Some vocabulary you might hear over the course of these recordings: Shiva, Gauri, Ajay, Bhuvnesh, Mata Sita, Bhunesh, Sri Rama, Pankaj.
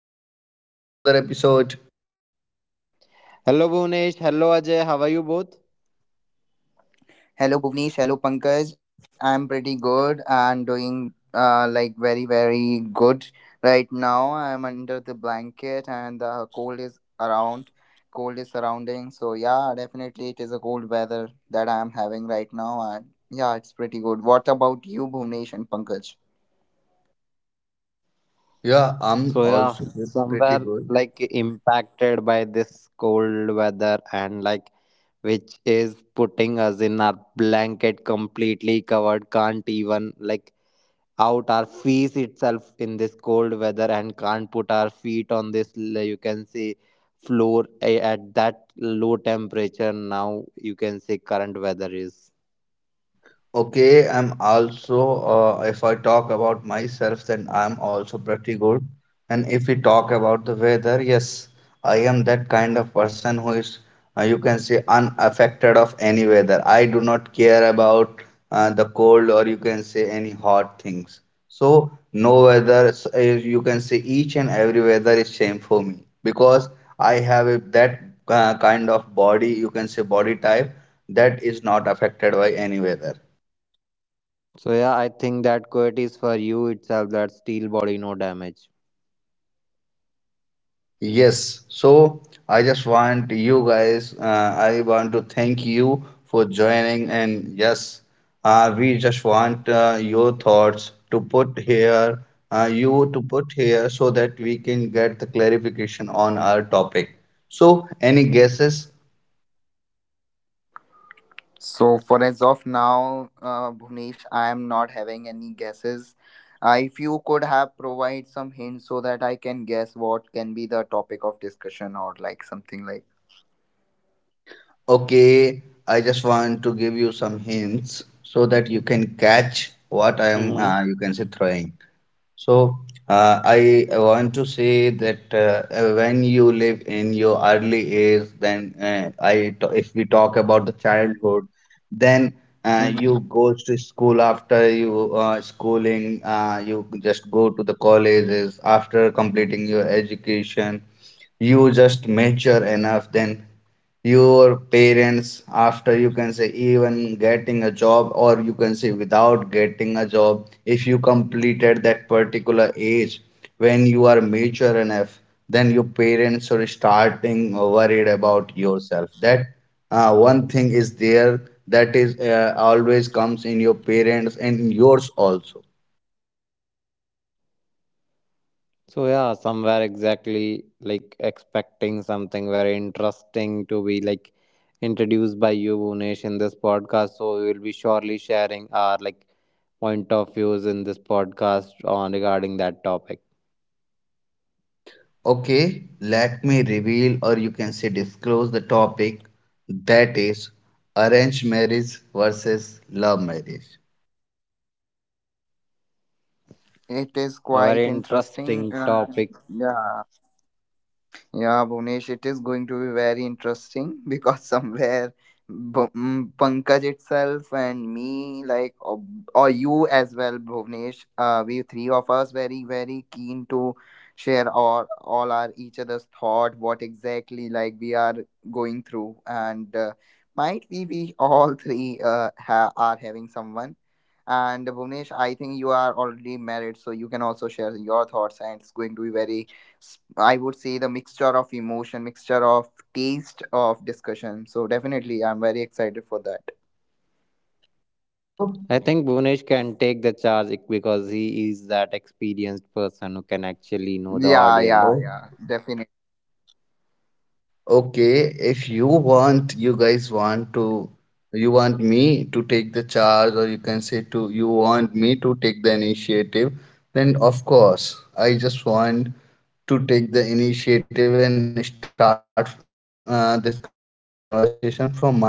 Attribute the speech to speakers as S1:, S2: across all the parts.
S1: welcome back to another episode.
S2: Hello Bhunesh, hello Ajay, how are you both?
S3: Hello, Bhuvnesh. Hello, Pankaj. I'm pretty good and doing like very, very good right now. I'm under the blanket and the cold is around. Cold is surrounding. So, yeah, definitely it is a cold weather that I'm having right now. And yeah, it's pretty good. What about you, Bhuvnesh and Pankaj?
S1: Yeah, I'm
S2: So yeah,
S1: also
S2: somewhere
S1: pretty good.
S2: like impacted by this cold weather and like which is putting us in our blanket completely covered, can't even like out our feet itself in this cold weather and can't put our feet on this you can see floor at that low temperature, now you can see current weather is.
S1: Okay, I'm also, if I talk about myself, then I'm also pretty good. And if we talk about the weather, yes, I am that kind of person who is, you can say, unaffected of any weather. I do not care about the cold or you can say any hot things. So, no weather, you can say each and every weather is same for me because I have a, that kind of body, you can say body type that is not affected by any weather.
S2: So yeah, I think that quote is for you itself, that steel body no damage.
S1: Yes, so I just want you guys, I want to thank you for joining. And yes, we just want your thoughts to put here, you to put here so that we can get the clarification on our topic. So, any guesses?
S3: So for as of now, Bhuvnesh, I am not having any guesses. If you could have provide some hints so that I can guess what can be the topic of discussion or like something like.
S1: Okay, I just want to give you some hints so that you can catch what I am, you can say, throwing. So, I want to say that when you live in your early age, then if we talk about the childhood, then
S3: Mhm.
S1: you go to school after you schooling, you just go to the colleges after completing your education, you just mature enough, then your parents after you can say even getting a job or you can say without getting a job if you completed that particular age when you are mature enough then your parents are starting worried about yourself that one thing is there that is always comes in your parents and in yours also.
S2: So yeah, somewhere exactly like expecting something very interesting to be like introduced by you, Bhunesh, in this podcast. So we will be surely sharing our like point of views in this podcast on regarding that topic.
S1: Okay, let me reveal or you can say disclose the topic that is arranged marriage versus love marriage.
S3: It is
S2: A very
S3: quite interesting.
S2: interesting topic.
S3: Yeah, Yeah, Bhuvnesh, it is going to be very interesting because somewhere B- Pankaj itself and me, or you as well, Bhuvnesh, we three of us very, very keen to share all our each other's thought, what exactly like we are going through, and might be we all three are having someone. And Bhuvnesh, I think you are already married, so you can also share your thoughts, and it's going to be very I would say the mixture of emotion, mixture of taste of discussion. So definitely, I'm very excited for that.
S1: So,
S2: I think Bhunesh can take the charge because he is that experienced person who can actually know the
S3: Yeah,
S2: audience.
S3: yeah,
S1: oh.
S3: yeah. Definitely.
S1: Okay, if you want, you guys want to, you want me to take the charge, or you can say to, you want me to take the initiative, then of course, I just want to take the initiative and start this conversation from my side. That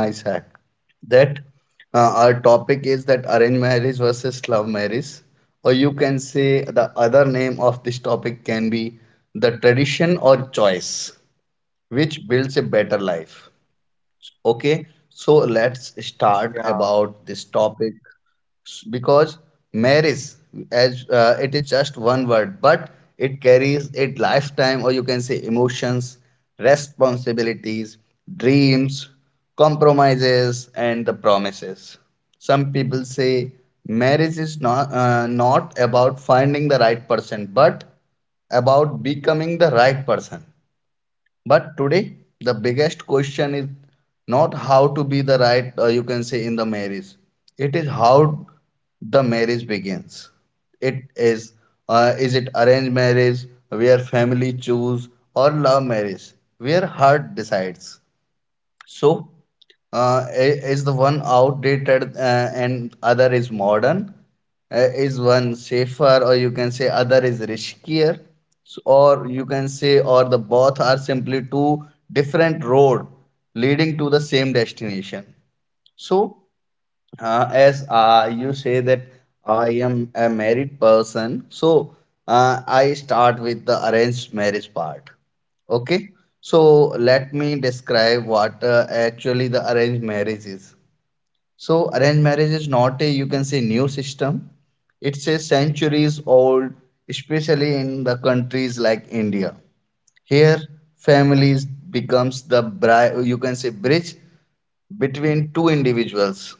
S1: our topic is that arranged marriage versus love marriage, or you can say the other name of this topic can be the tradition or choice, which builds a better life. Okay, so let's start about this
S3: Yeah.
S1: topic because marriage, as it is just one word, but it carries a lifetime, or you can say emotions, responsibilities, dreams, compromises, and the promises. Some people say marriage is not about finding the right person, but about becoming the right person. But today, the biggest question is not how to be the right, you can say, in the marriage. It is how the marriage begins. It is it arranged marriage where family choose or love marriage where heart decides? So, is the one outdated and other is modern? Is one safer, or you can say other is riskier? Or you can say, or the both are simply two different road leading to the same destination. So, as you say that I am a married person, so I start with the arranged marriage part. Okay, so let me describe what actually the arranged marriage is. So, arranged marriage is not a you can say new system, it's a centuries old, especially in the countries like India. Here, families becomes the you can say bridge between two individuals.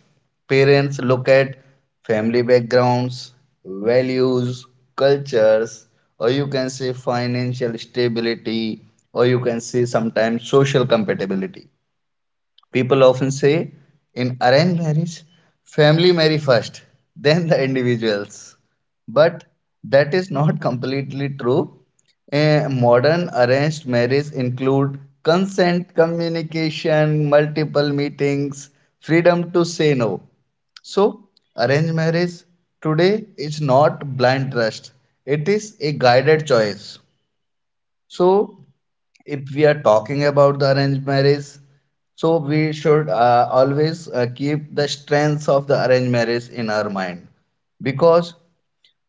S1: Parents look at family backgrounds, values, cultures, or you can say financial stability, or you can say sometimes social compatibility. People often say in arranged marriage, family marry first, then the individuals. But that is not completely true. Modern arranged marriage include consent, communication, multiple meetings, freedom to say no. So, arranged marriage today is not blind trust. It is a guided choice. So, if we are talking about the arranged marriage, so we should always keep the strengths of the arranged marriage in our mind because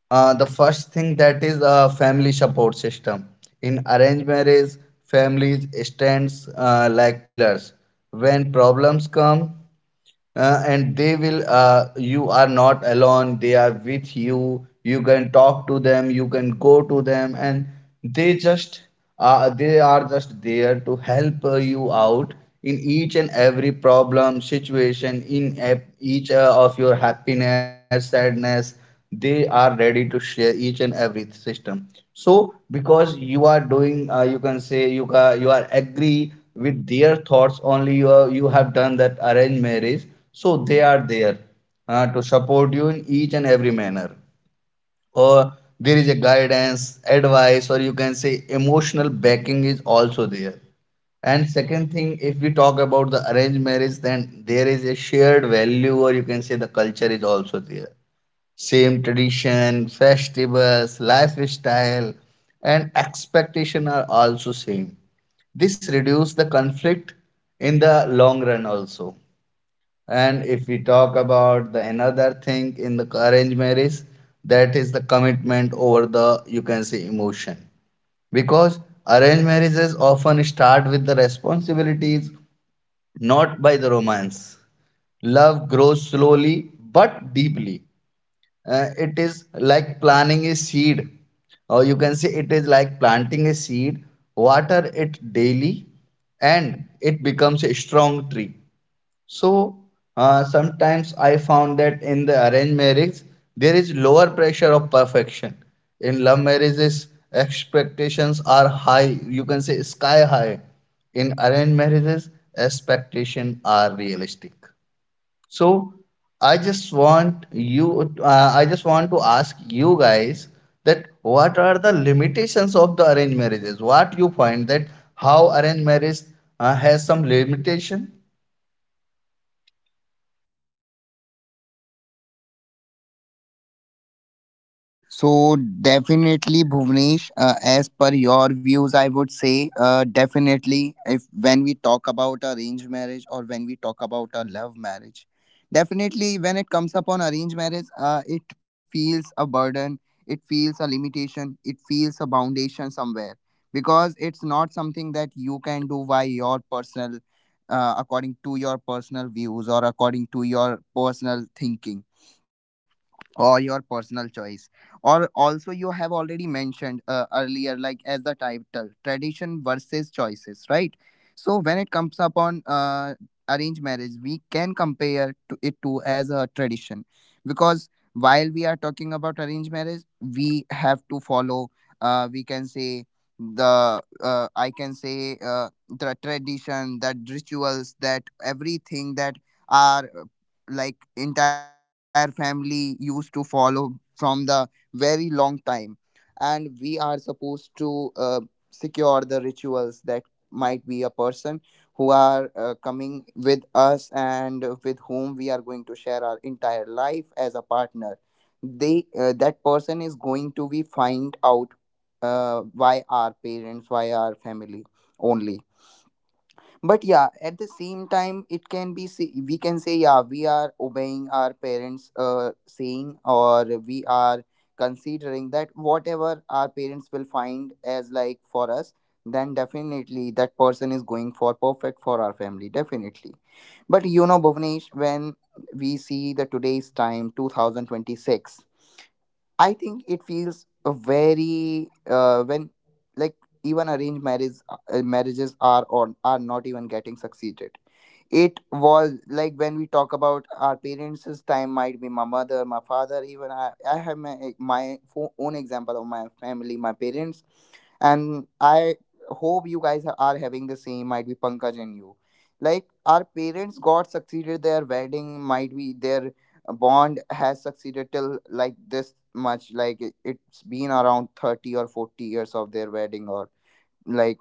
S1: the first thing that is a family support system. In arranged marriage, families stands like pillars. When problems come, and they will you are not alone, they are with you, you can talk to them, you can go to them, and they just they are just there to help you out in each and every problem situation, in each of your happiness, sadness they are ready to share each and every system. So, because you are doing, you can say you are agree with their thoughts only. You are, you have done that arranged marriage, so they are there to support you in each and every manner. Or there is a guidance, advice, or you can say emotional backing is also there. And second thing, if we talk about the arranged marriage, then there is a shared value, or you can say the culture is also there, same tradition, festivals, lifestyle, and expectation are also same. This reduce the conflict in the long run also. And if we talk about the another thing in the arranged marriage, that is the commitment over the you can say emotion. Because arranged marriages often start with the responsibilities, not by the romance. Love grows slowly but deeply, it is like planting a seed, or you can say it is like planting a seed, water it daily and it becomes a strong tree. So sometimes I found that in the arranged marriage there is lower pressure of perfection. In love marriages expectations are high, you can say sky high. In arranged marriages expectations are realistic. So I just want you, I just want to ask you guys that what are the limitations of the arranged marriages? What you find that how arranged marriage has some limitation?
S3: So definitely, Bhuvnesh, as per your views, I would say definitely if when we talk about arranged marriage or when we talk about a love marriage, definitely when it comes upon arranged marriage, it feels a burden, it feels a limitation, it feels a foundation somewhere because it's not something that you can do by your personal, according to your personal views or according to your personal thinking or your personal choice, or also you have already mentioned earlier like as the title tradition versus choices, right? So when it comes upon arranged marriage, we can compare to it to as a tradition because while we are talking about arranged marriage, we have to follow, we can say, the I can say, the tradition, that rituals, that everything that are like entire family used to follow from the very long time. And we are supposed to secure the rituals that might be a person who are coming with us and with whom we are going to share our entire life as a partner, they that person is going to be find out by our parents, by our family only. But yeah, at the same time it can be say, we can say yeah, we are obeying our parents, saying, or we are considering that whatever our parents will find as like for us, then definitely that person is going for perfect for our family, definitely. But you know Bhuvnesh, when we see the today's time, 2026, I think it feels a very when like even arranged marriage marriages are or are not even getting succeeded. It was like when we talk about our parents' time, might be my mother, my father, even I have my own example of my family, my parents. And I hope you guys are having the same, might be Pankaj and you. Like our parents got succeeded their wedding, might be their bond has succeeded till like this much. Like it's been around 30 or 40 years of their wedding, or like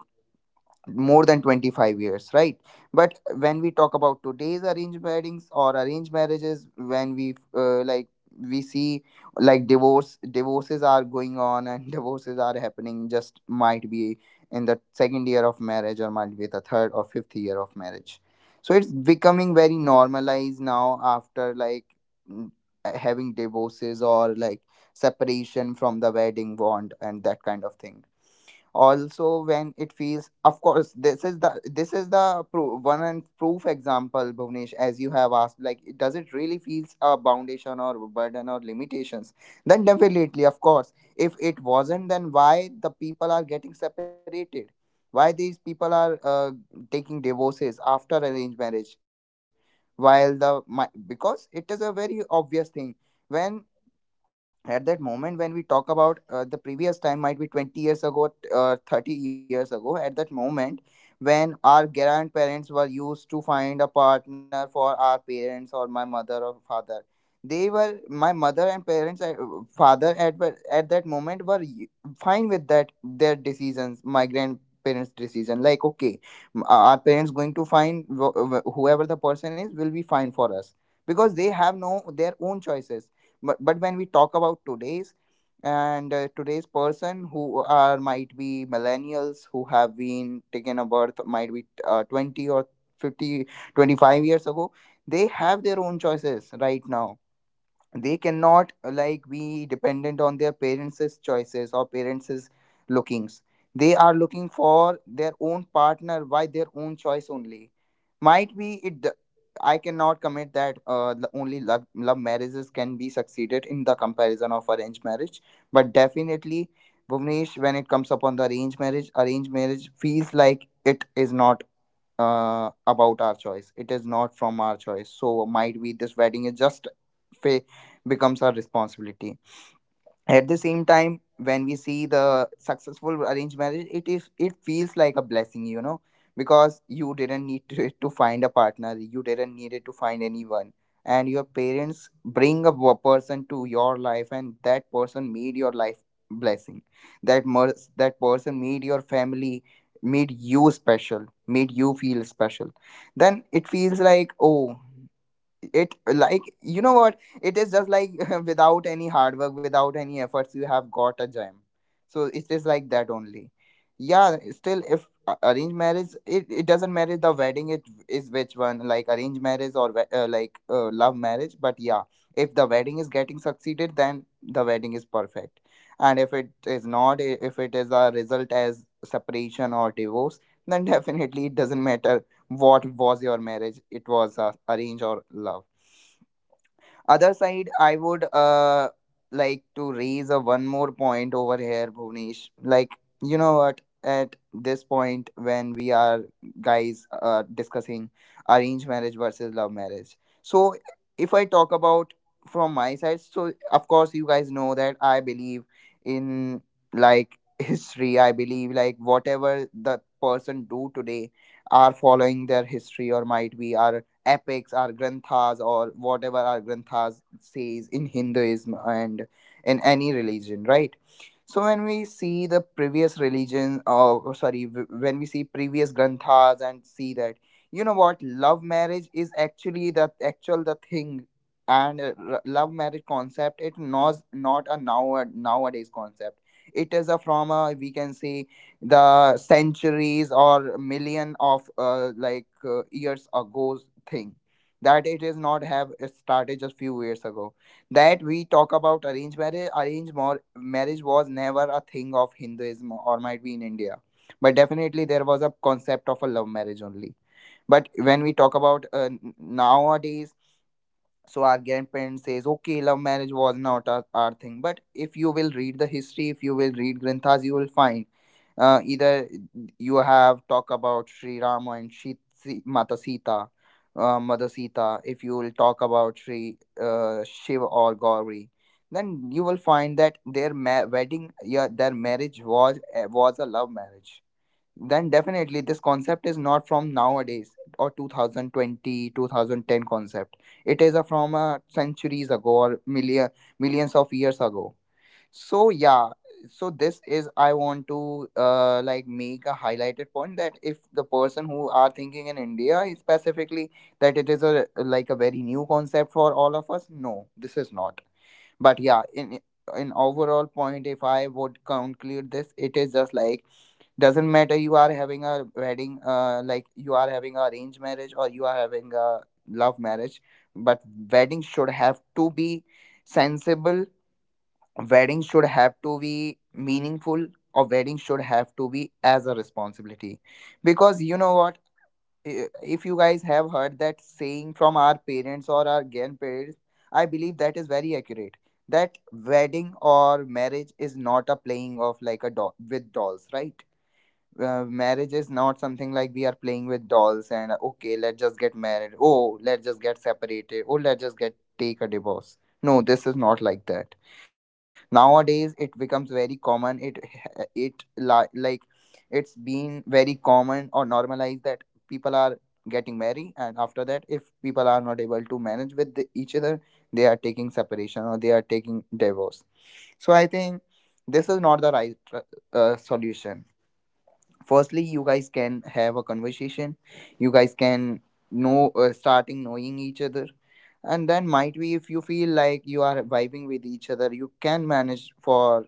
S3: more than 25 years, right? But when we talk about today's arranged weddings or arranged marriages, when we like we see like divorces are going on, and divorces are happening just might be in the second year of marriage or might be the third or fifth year of marriage. So it's becoming very normalized now after like mm, having divorces or like separation from the wedding bond and that kind of thing. Also, when it feels, of course this is the one and proof example, Bhuvnesh, as you have asked like, does it really feels a foundation or burden or limitations? Then definitely, of course, if it wasn't, then why the people are getting separated? Why these people are taking divorces after arranged marriage, while the my, because it is a very obvious thing. When, at that moment, when we talk about the previous time, might be 20 years ago, 30 years ago, at that moment when our grandparents were used to find a partner for our parents or my mother or father, they were my mother and parents, father, at at that moment were fine with that their decisions, my grandparents decision, like okay, our parents going to find whoever the person is will be fine for us because they have no their own choices. But when we talk about today's, and today's person who are might be millennials who have been taken a birth might be 20 or 50 25 years ago, they have their own choices right now. They cannot like be dependent on their parents' choices or parents' lookings. They are looking for their own partner by their own choice only. Might be I cannot commit that only love marriages can be succeeded in the comparison of arranged marriage, but definitely, Bhuvnesh, when it comes upon the arranged marriage feels like it is not about our choice. It is not from our choice. So might be this wedding is just fa- becomes our responsibility. At the same time, when we see the successful arranged marriage, it is, it feels like a blessing, you know, because you didn't need to, to find a partner, you didn't need it to find anyone, and your parents bring a person to your life, and that person made your life blessing, that that person made your family, made you special, made you feel special. Then it feels like, oh, it like, you know what, it is just like without any hard work, without any efforts, you have got a gem. So it is like that only. Yeah, still if arranged marriage it doesn't matter the wedding it is which one, like arranged marriage or love marriage. But yeah, if the wedding is getting succeeded, then the wedding is perfect, and if it is not, if it is a result as separation or divorce, then definitely it doesn't matter what was your marriage. It was arrange or love. Other side, I would like to raise a one more point over here, Bhuvnesh. Like, you know what, at this point when we are guys discussing arranged marriage versus love marriage. So if I talk about from my side, so of course you guys know that I believe in like history. I believe like whatever the person do today are following their history, or might be are epics or granthas or whatever our granthas says in Hinduism and in any religion, right? So when we see the previous religion, or sorry, when we see previous granthas and see that, you know what, love marriage is actually the actual the thing, and love marriage concept it not a now nowadays concept. It is a from a, we can say, the centuries or million of years ago thing. That it is not have started just few years ago. That we talk about arranged marriage arranged marriage was never a thing of Hinduism or might be in India, but definitely there was a concept of a love marriage only. But when we talk about nowadays, so our grandparents says okay, love marriage was not our thing. But if you will read the history, if you will read granthas, you will find either you have talk about Sri Rama and Mata Sita, Mother Sita, if you will talk about Sri Shiva or Gauri, then you will find that their wedding, yeah, their marriage was a love marriage. Then definitely this concept is not from nowadays or 2020, 2010 concept. It is a from centuries ago or millions of years ago. So yeah, so this is I want to like make a highlighted point that if the person who are thinking in India is specifically that it is a like a very new concept for all of us, no, this is not. But yeah, in overall point, if I would conclude this, it is just like, doesn't matter you are having a wedding, like you are having a arranged marriage or you are having a love marriage, but wedding should have to be sensible, wedding should have to be meaningful, or wedding should have to be as a responsibility. Because, you know what, i- if you guys have heard that saying from our parents Or our grandparents, I believe that is very accurate. That wedding or marriage is not a playing of like a doll with dolls, right? Marriage is not something like we are playing with dolls and okay, let's just get married, oh let's just get separated, oh let's just get take a divorce. No, this is not like that. Nowadays it becomes very common. It it's been very common or normalized that people are getting married, and after that if people are not able to manage with each other, they are taking separation or they are taking divorce. So I think this is not the right solution. Firstly, you guys can have a conversation, you guys can know, starting knowing each other, and then might be if you feel like you are vibing with each other you can manage for.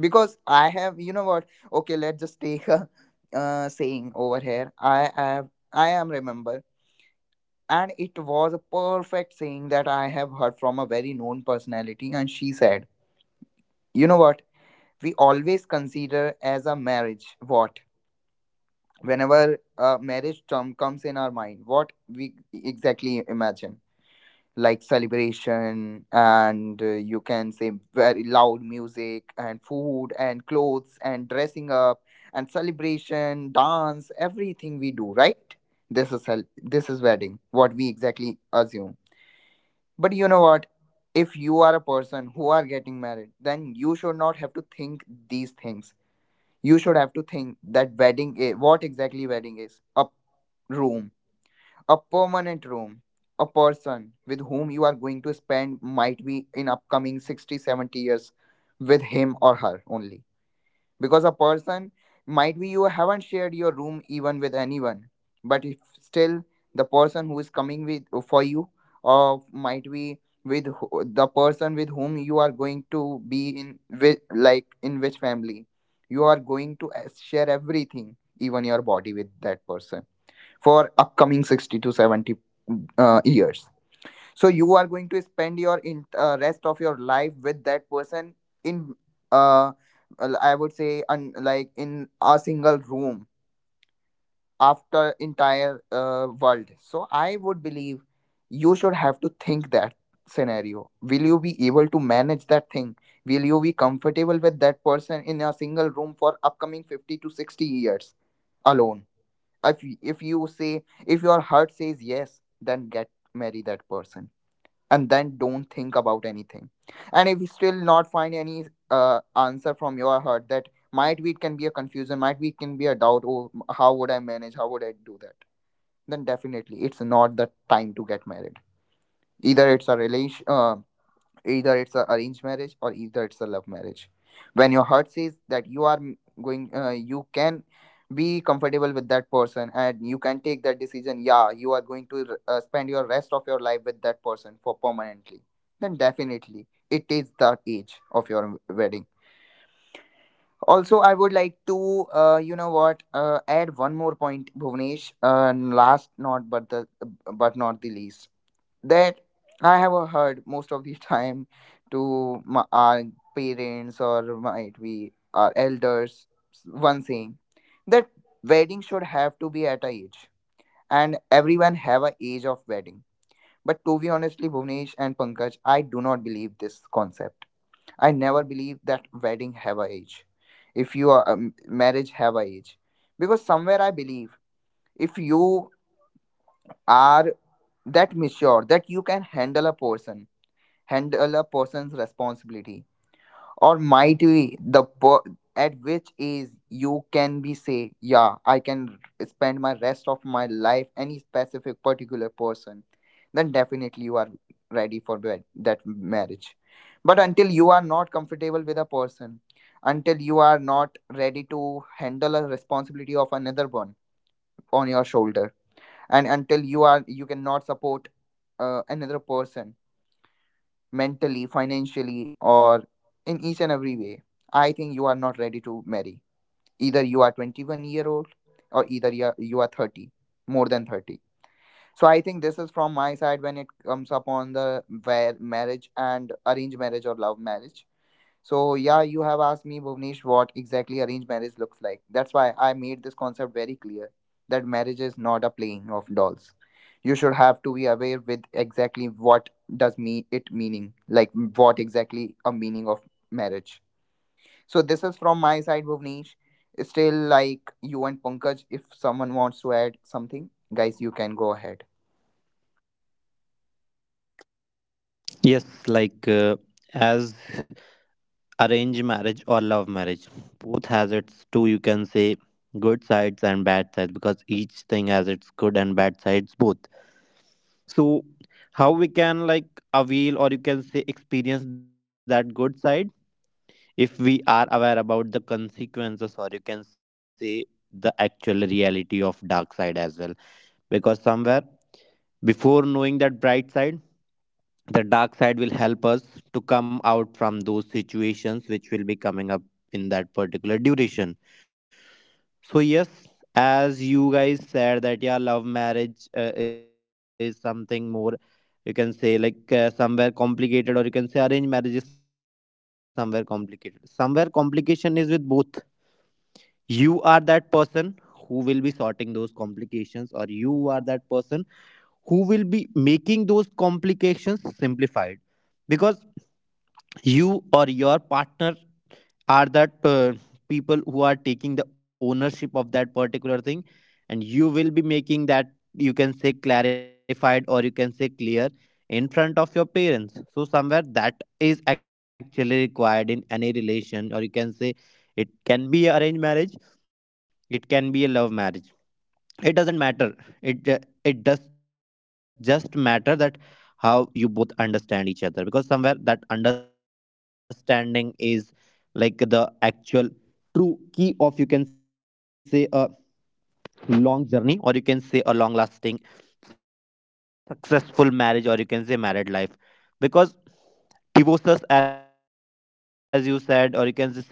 S3: Because I have, you know what, okay, let's just take a saying over here. I am remember, and it was a perfect saying that I have heard from a very known personality, and she said, you know what, we always consider as a marriage, what, whenever a marriage term comes in our mind, what we exactly imagine, like celebration and, you can say, very loud music and food and clothes and dressing up and celebration dance, everything we do, right? this is cel- this is wedding what we exactly assume. But you know what, if you are a person who are getting married, then you should not have to think these things. You should have to think that wedding is what. Exactly wedding is a room, a permanent room, a person with whom you are going to spend might be in upcoming 60 70 years with him or her only. Because a person, might be you haven't shared your room even with anyone, but if still, the person who is coming with, for you, or might be with the person with whom you are going to be in with, like in which family you are going to share everything, even your body with that person, for upcoming 60 to 70 years. So you are going to spend your rest of your life with that person, in uh I would say, like in a single room, after entire world. So I would believe you should have to think that scenario. Will you be able to manage that thing? Will you be comfortable with that person in a single room for upcoming 50 to 60 years alone? If you say, if your heart says yes, then get marry that person, and then don't think about anything. And if you still not find any answer from your heart, that might be it can be a confusion, might be it can be a doubt, oh, how would I manage, how would I do that, then definitely it's not the time to get married. Either it's a relation, either it's a arranged marriage, or either it's a love marriage. When your heart says that going, you can be comfortable with that person and you can take that decision, yeah, you are going to spend your rest of your life with that person for permanently, then definitely it is the age of your wedding. Also, I would like to, you know what add one more point, Bhuvnesh. Last not but the, but not the least, that I have heard most of the time to our parents, or might be our elders, one saying, that wedding should have to be at a age, and everyone have a age of wedding. But to be honestly, Bhuvnesh and Pankaj, I do not believe this concept. I never believe that wedding have a age. If you are marriage have a age. Because somewhere I believe, if you are that mature, that you can handle a person, handle a person's responsibility, or might be at which age you can be say, yeah, I can spend my rest of my life any specific particular person, then definitely you are ready for that marriage. But until you are not comfortable with a person, until you are not ready to handle a responsibility of another one on your shoulder, and until you cannot support another person mentally, financially, or in each and every way, I think you are not ready to marry. Either you are 21-year old, or either you are 30, more than 30. So I think this is from my side when it comes upon the where marriage and arranged marriage or love marriage. So yeah, you have asked me, Bhuvnesh, what exactly arranged marriage looks like. That's why I made this concept very clear, that marriage is not a playing of dolls. You should have to be aware with exactly what does me it meaning, like what exactly a meaning of marriage. So this is from my side, Bhuvnesh. Still, like you and Pankaj, if someone wants to add something, guys, you can go ahead.
S2: Yes, like as arrange marriage or love marriage, both has its two you can say good sides and bad sides, because each thing has its good and bad sides both. So how we can like avail or you can say experience that good side if we are aware about the consequences or you can say the actual reality of dark side as well, because somewhere before knowing that bright side, the dark side will help us to come out from those situations which will be coming up in that particular duration. So yes, as you guys said that yeah, love marriage is something more you can say like somewhere complicated, or you can say arranged marriage is somewhere complicated, somewhere complication is with both. You are that person who will be sorting those complications, or you are that person who will be making those complications simplified, because you or your partner are that people who are taking the ownership of that particular thing, and you will be making that you can say clarified or you can say clear in front of your parents. So somewhere that is actually required in any relation, or you can say it can be a arranged marriage, it can be a love marriage, it doesn't matter. It ju- it does just matter that how you both understand each other, because somewhere that understanding is like the actual true key of you can say a long journey, or you can say a long lasting successful marriage, or you can say married life. Because divorces as you said, or you can say separation as you mentioned,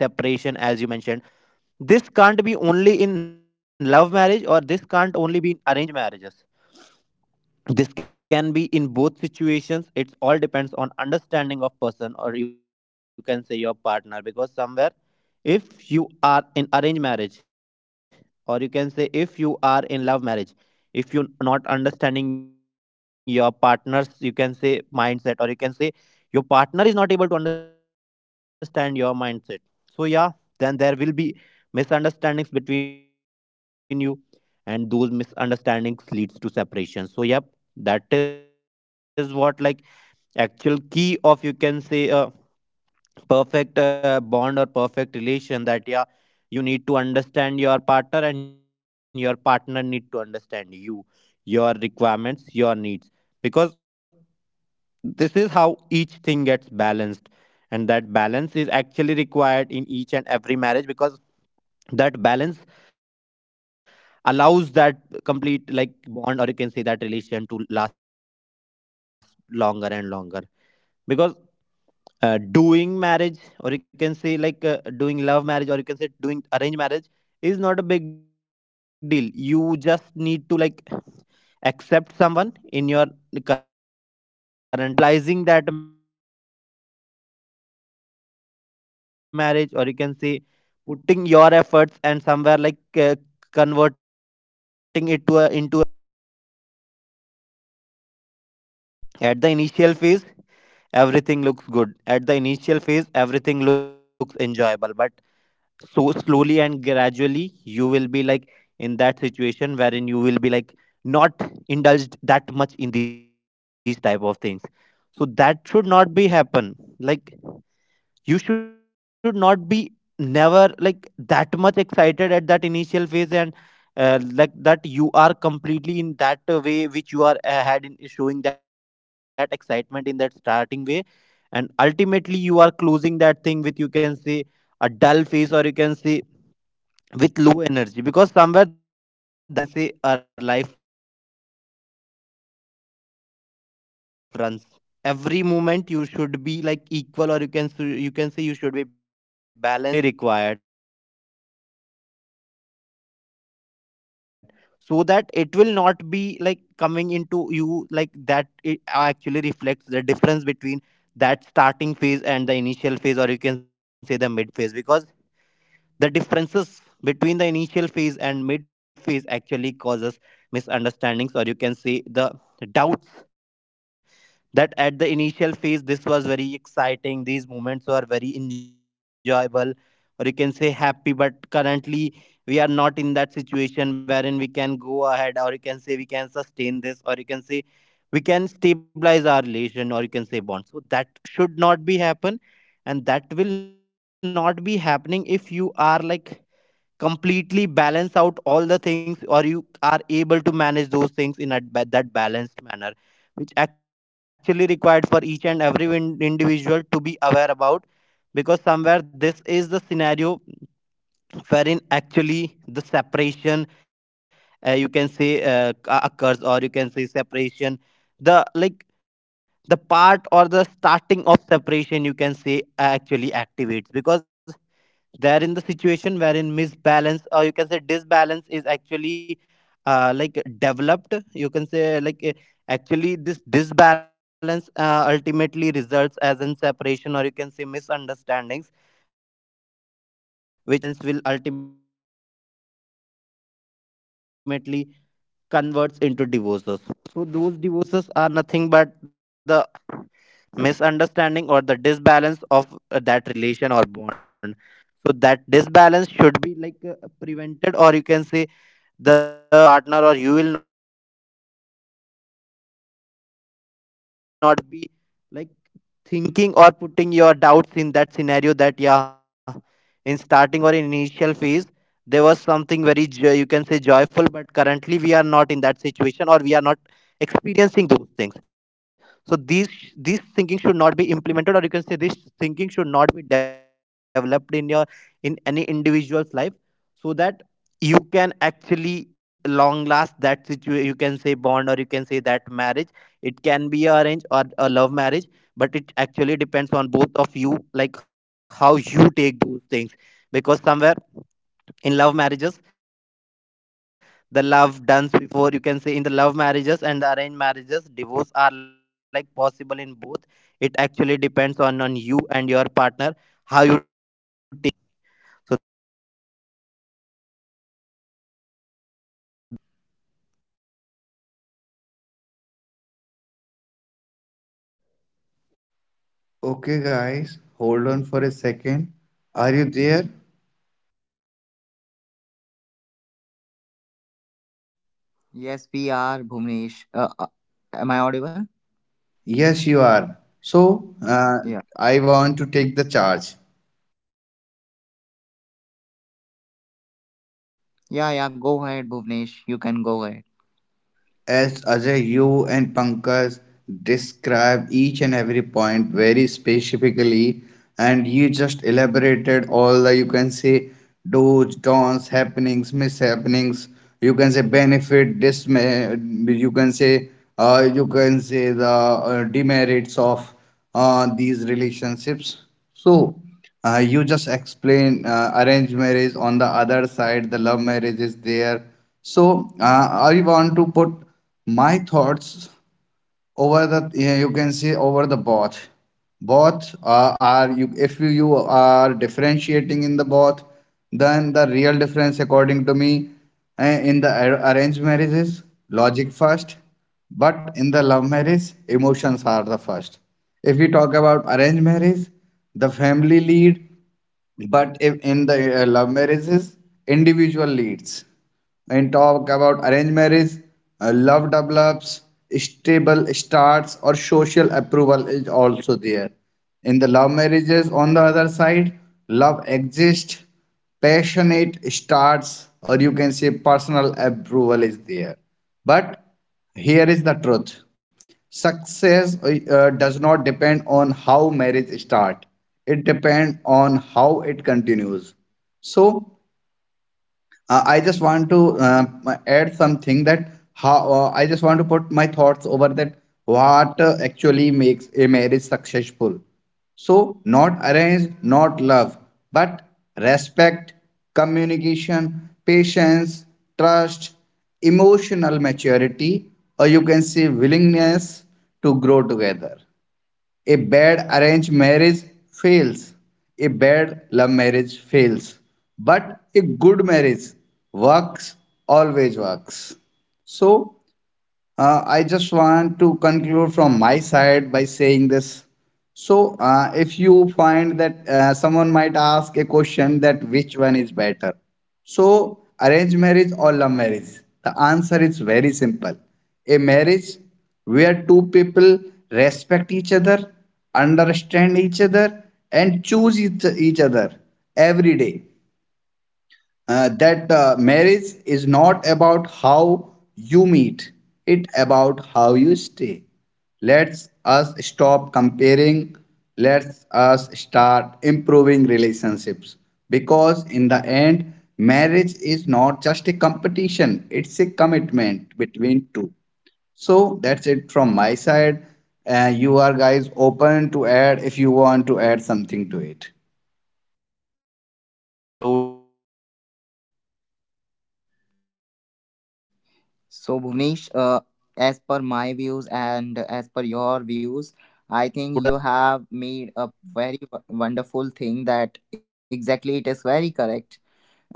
S2: this can't be only in love marriage or this can't only be in arranged marriages, this can be in both situations. It's all depends on understanding of person, or you can say your partner, because somewhere if you are in arranged marriage, or you can say if you are in love marriage, if you're not understanding your partner's you can say mindset, or you can say your partner is not able to understand your mindset, so yeah, then there will be misunderstandings between you, and those misunderstandings leads to separation. So yep, that is what like actual key of you can say perfect bond or perfect relation, that yeah, you need to understand your partner and your partner need to understand you, your requirements, your needs, because this is how each thing gets balanced, and that balance is actually required in each and every marriage, because that balance allows that complete like bond, or you can say that relation, to last longer and longer. Because doing marriage, or you can say like doing love marriage, or you can say doing arranged marriage is not a big deal. You just need to like accept someone in your current life. But yeah, sustaining that, or you can say stabilizing that marriage, or you can say putting your efforts and somewhere like converting it to a into a long lasting bond is somewhere difficult, because at the initial phase everything looks good. At the initial phase, everything looks enjoyable, but so slowly and gradually, you will be like in that situation wherein you will be like not indulged that much in these type of things. So that should not be happen. Like you should not be never like that much excited at that initial phase, and like that you are completely in that way which you are had in showing that excitement in that starting way, and ultimately you are closing that thing with you can say a dull face, or you can say with low energy, because somewhere that is not the way you can see life balances, or you can see our life runs. Every moment you should be like equal, or you can say you should be balanced your emotions, and you can see your thoughts, which is actually required, so that it will not be like coming into you like that it actually reflects the difference between that starting phase and the initial phase, or you can say the mid phase, because the differences between the initial phase and mid phase actually causes misunderstandings, or you can see the doubts, that at the initial phase this was very exciting, these moments were very enjoyable, or you can say happy, but currently we are not in that situation wherein we can go ahead, or you can say we can sustain this, or you can say we can stabilize our relation or you can say bond. So that should not be happen, and that will not be happening if you are like completely balance out all the things, or you are able to manage those things in that balanced manner, which actually required for each and every individual to be aware about, because somewhere this is the scenario wherein actually the separation you can say occurs, or you can say separation the like the part or the starting of separation you can say actually activates, because they're in the situation wherein misbalance, or you can say disbalance is actually like developed, you can say like actually this disbalance ultimately results as in separation or you can say misunderstandings, which misunderstandings, or you can say like difference or disbalance will ultimately converts into divorces. So those divorces are nothing but the misunderstanding or the disbalance of that relation or bond. So that disbalance should be like prevented, or you can say the things should be in that balanced manner, so that your partner or you will not be like thinking or putting your doubts in that scenario, that yeah, in starting or in initial phase there was something very you can say joyful, but currently we are not in that situation, or we are not experiencing those things. So these this thinking should not be implemented, or you can say this thinking should not be developed in your in any individual's life, so that you can actually long last that situation, you can say bond, or you can say that marriage. It can be a arranged or a love marriage, but it actually depends on both of you, like how you take those things, because somewhere in love marriages the love done before you can say in the love marriages and the arranged marriages, divorce are like possible in both. It actually depends on you and your partner, how you take the things in your you can say day to day life, or you can say in your journey. So that's it, guys. Bunish, are you available?
S1: Okay, guys, hold on for a second. Are you there?
S2: Yes, you are audible.
S3: Yes, we are Bhuvnesh. Am I audible?
S1: Yes, you are. So,
S3: Yeah.
S1: I want to take the charge.
S2: Yes, go ahead.
S3: Yeah. Go ahead, Bhuvnesh. You can go ahead.
S1: As Ajay, you and Pankaj describe each and every point very specifically, and you just elaborated all the you can say do's, don'ts, happenings, mishappenings. You can say benefit, dismay. You can say you can say the demerits of these relationships. So, you just explained arranged marriage, on the other side, the love marriage is there. So, I want to put my thoughts over the, yeah, you can say over the both, both are you, if you, you are differentiating in the both, then the real difference according to me, in the arranged marriages logic first, but in the love marriage emotions are the first. If we talk about arranged marriage the family lead, but if in the love marriages, individual leads. When talk about arranged marriage, love develops, stable starts, or social approval is also there. In the love marriages, on the other side, love exists, passionate starts, or you can say personal approval is there. But here is the truth. Success does not depend on how marriage start. It depends on how it continues. So I just want to add something that how I just want to put my thoughts over that what actually makes a marriage successful. So, not arrange, not love, but respect, communication, patience, trust, emotional maturity, or you can say willingness to grow together. A bad arranged marriage fails. A bad love marriage fails. But a good marriage works, always works. So, I just want to conclude from my side by saying this. So, if you find that someone might ask a question that which one is better, so arranged marriage or love marriage, the answer is very simple. A marriage where two people respect each other, understand each other, and choose each other every day. That marriage is not about how you meet, it about how you stay. Let's us stop comparing, let's us start improving relationships, because in the end marriage is not just a competition, it's a commitment between two. So that's it from my side. You are guys open to add if you want to add something to it.
S2: So yeah, guys, I just want to conclude this discussion by saying this, that yeah, it is
S3: So,
S2: not
S3: Bhuvnesh,
S2: the thing
S3: as
S2: which
S3: per my views and as per your views, I think you have made a very wonderful thing, that exactly it is very correct.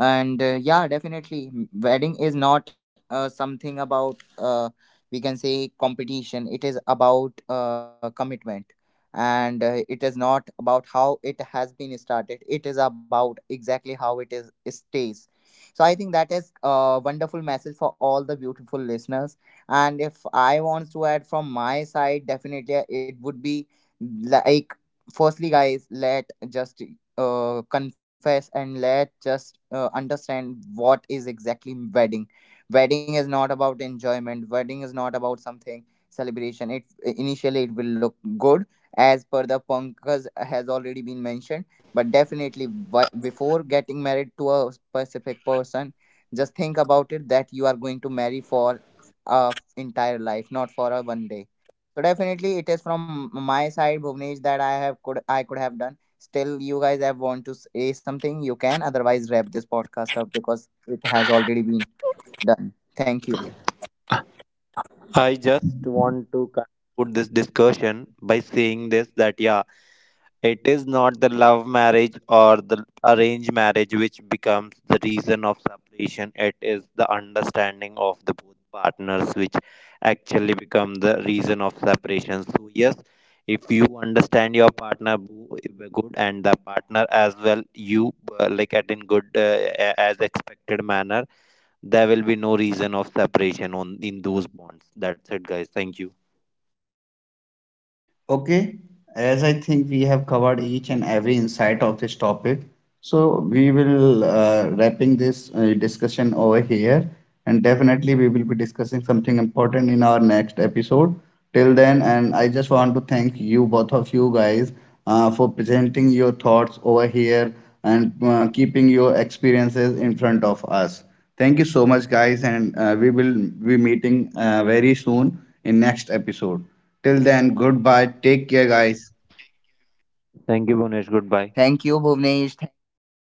S3: And yeah, definitely, wedding is not something about, we can say, competition, it is about commitment. And it is not about how it has been started, it is about exactly how it stays. So I think that is a wonderful message for all the beautiful listeners. And if I want to add from my side, definitely it would be like, firstly guys, let just confess, and let just understand what is exactly wedding. Wedding is not about enjoyment, wedding is not about something celebration. It initially it will look good, as per the punkers has already been mentioned. But definitely, before getting married to a specific person, just think about it, that you are going to marry for a entire life, not for a one day. So definitely it is from my side, Bhuvnesh, that I could have done. Still, you guys have want to say something, you can. Otherwise, wrap this podcast up because it has already been done. Thank you.
S2: I just want to conclude this discussion by saying this, that yeah, it is not the love marriage or the arranged marriage which becomes the reason of separation. It is the understanding of the both partners which actually become the reason of separation. So yes, if you understand your partner good and the partner as well, you like at in good as expected manner, there will be no reason of separation on in those bonds. That's it, guys, thank you.
S1: Okay, as I think we have covered each and every insight of this topic, so we will wrapping this discussion over here, and definitely we will be discussing something important in our next episode. Till then, and I just want to thank you both of you guys for presenting your thoughts over here and keeping your experiences in front of us. Thank you so much, guys, and we will be meeting very soon in next episode. Till then, goodbye. Take care, guys.
S2: Thank you, Bonish, goodbye.
S3: Thank you, Bhuvnesh. Thank you.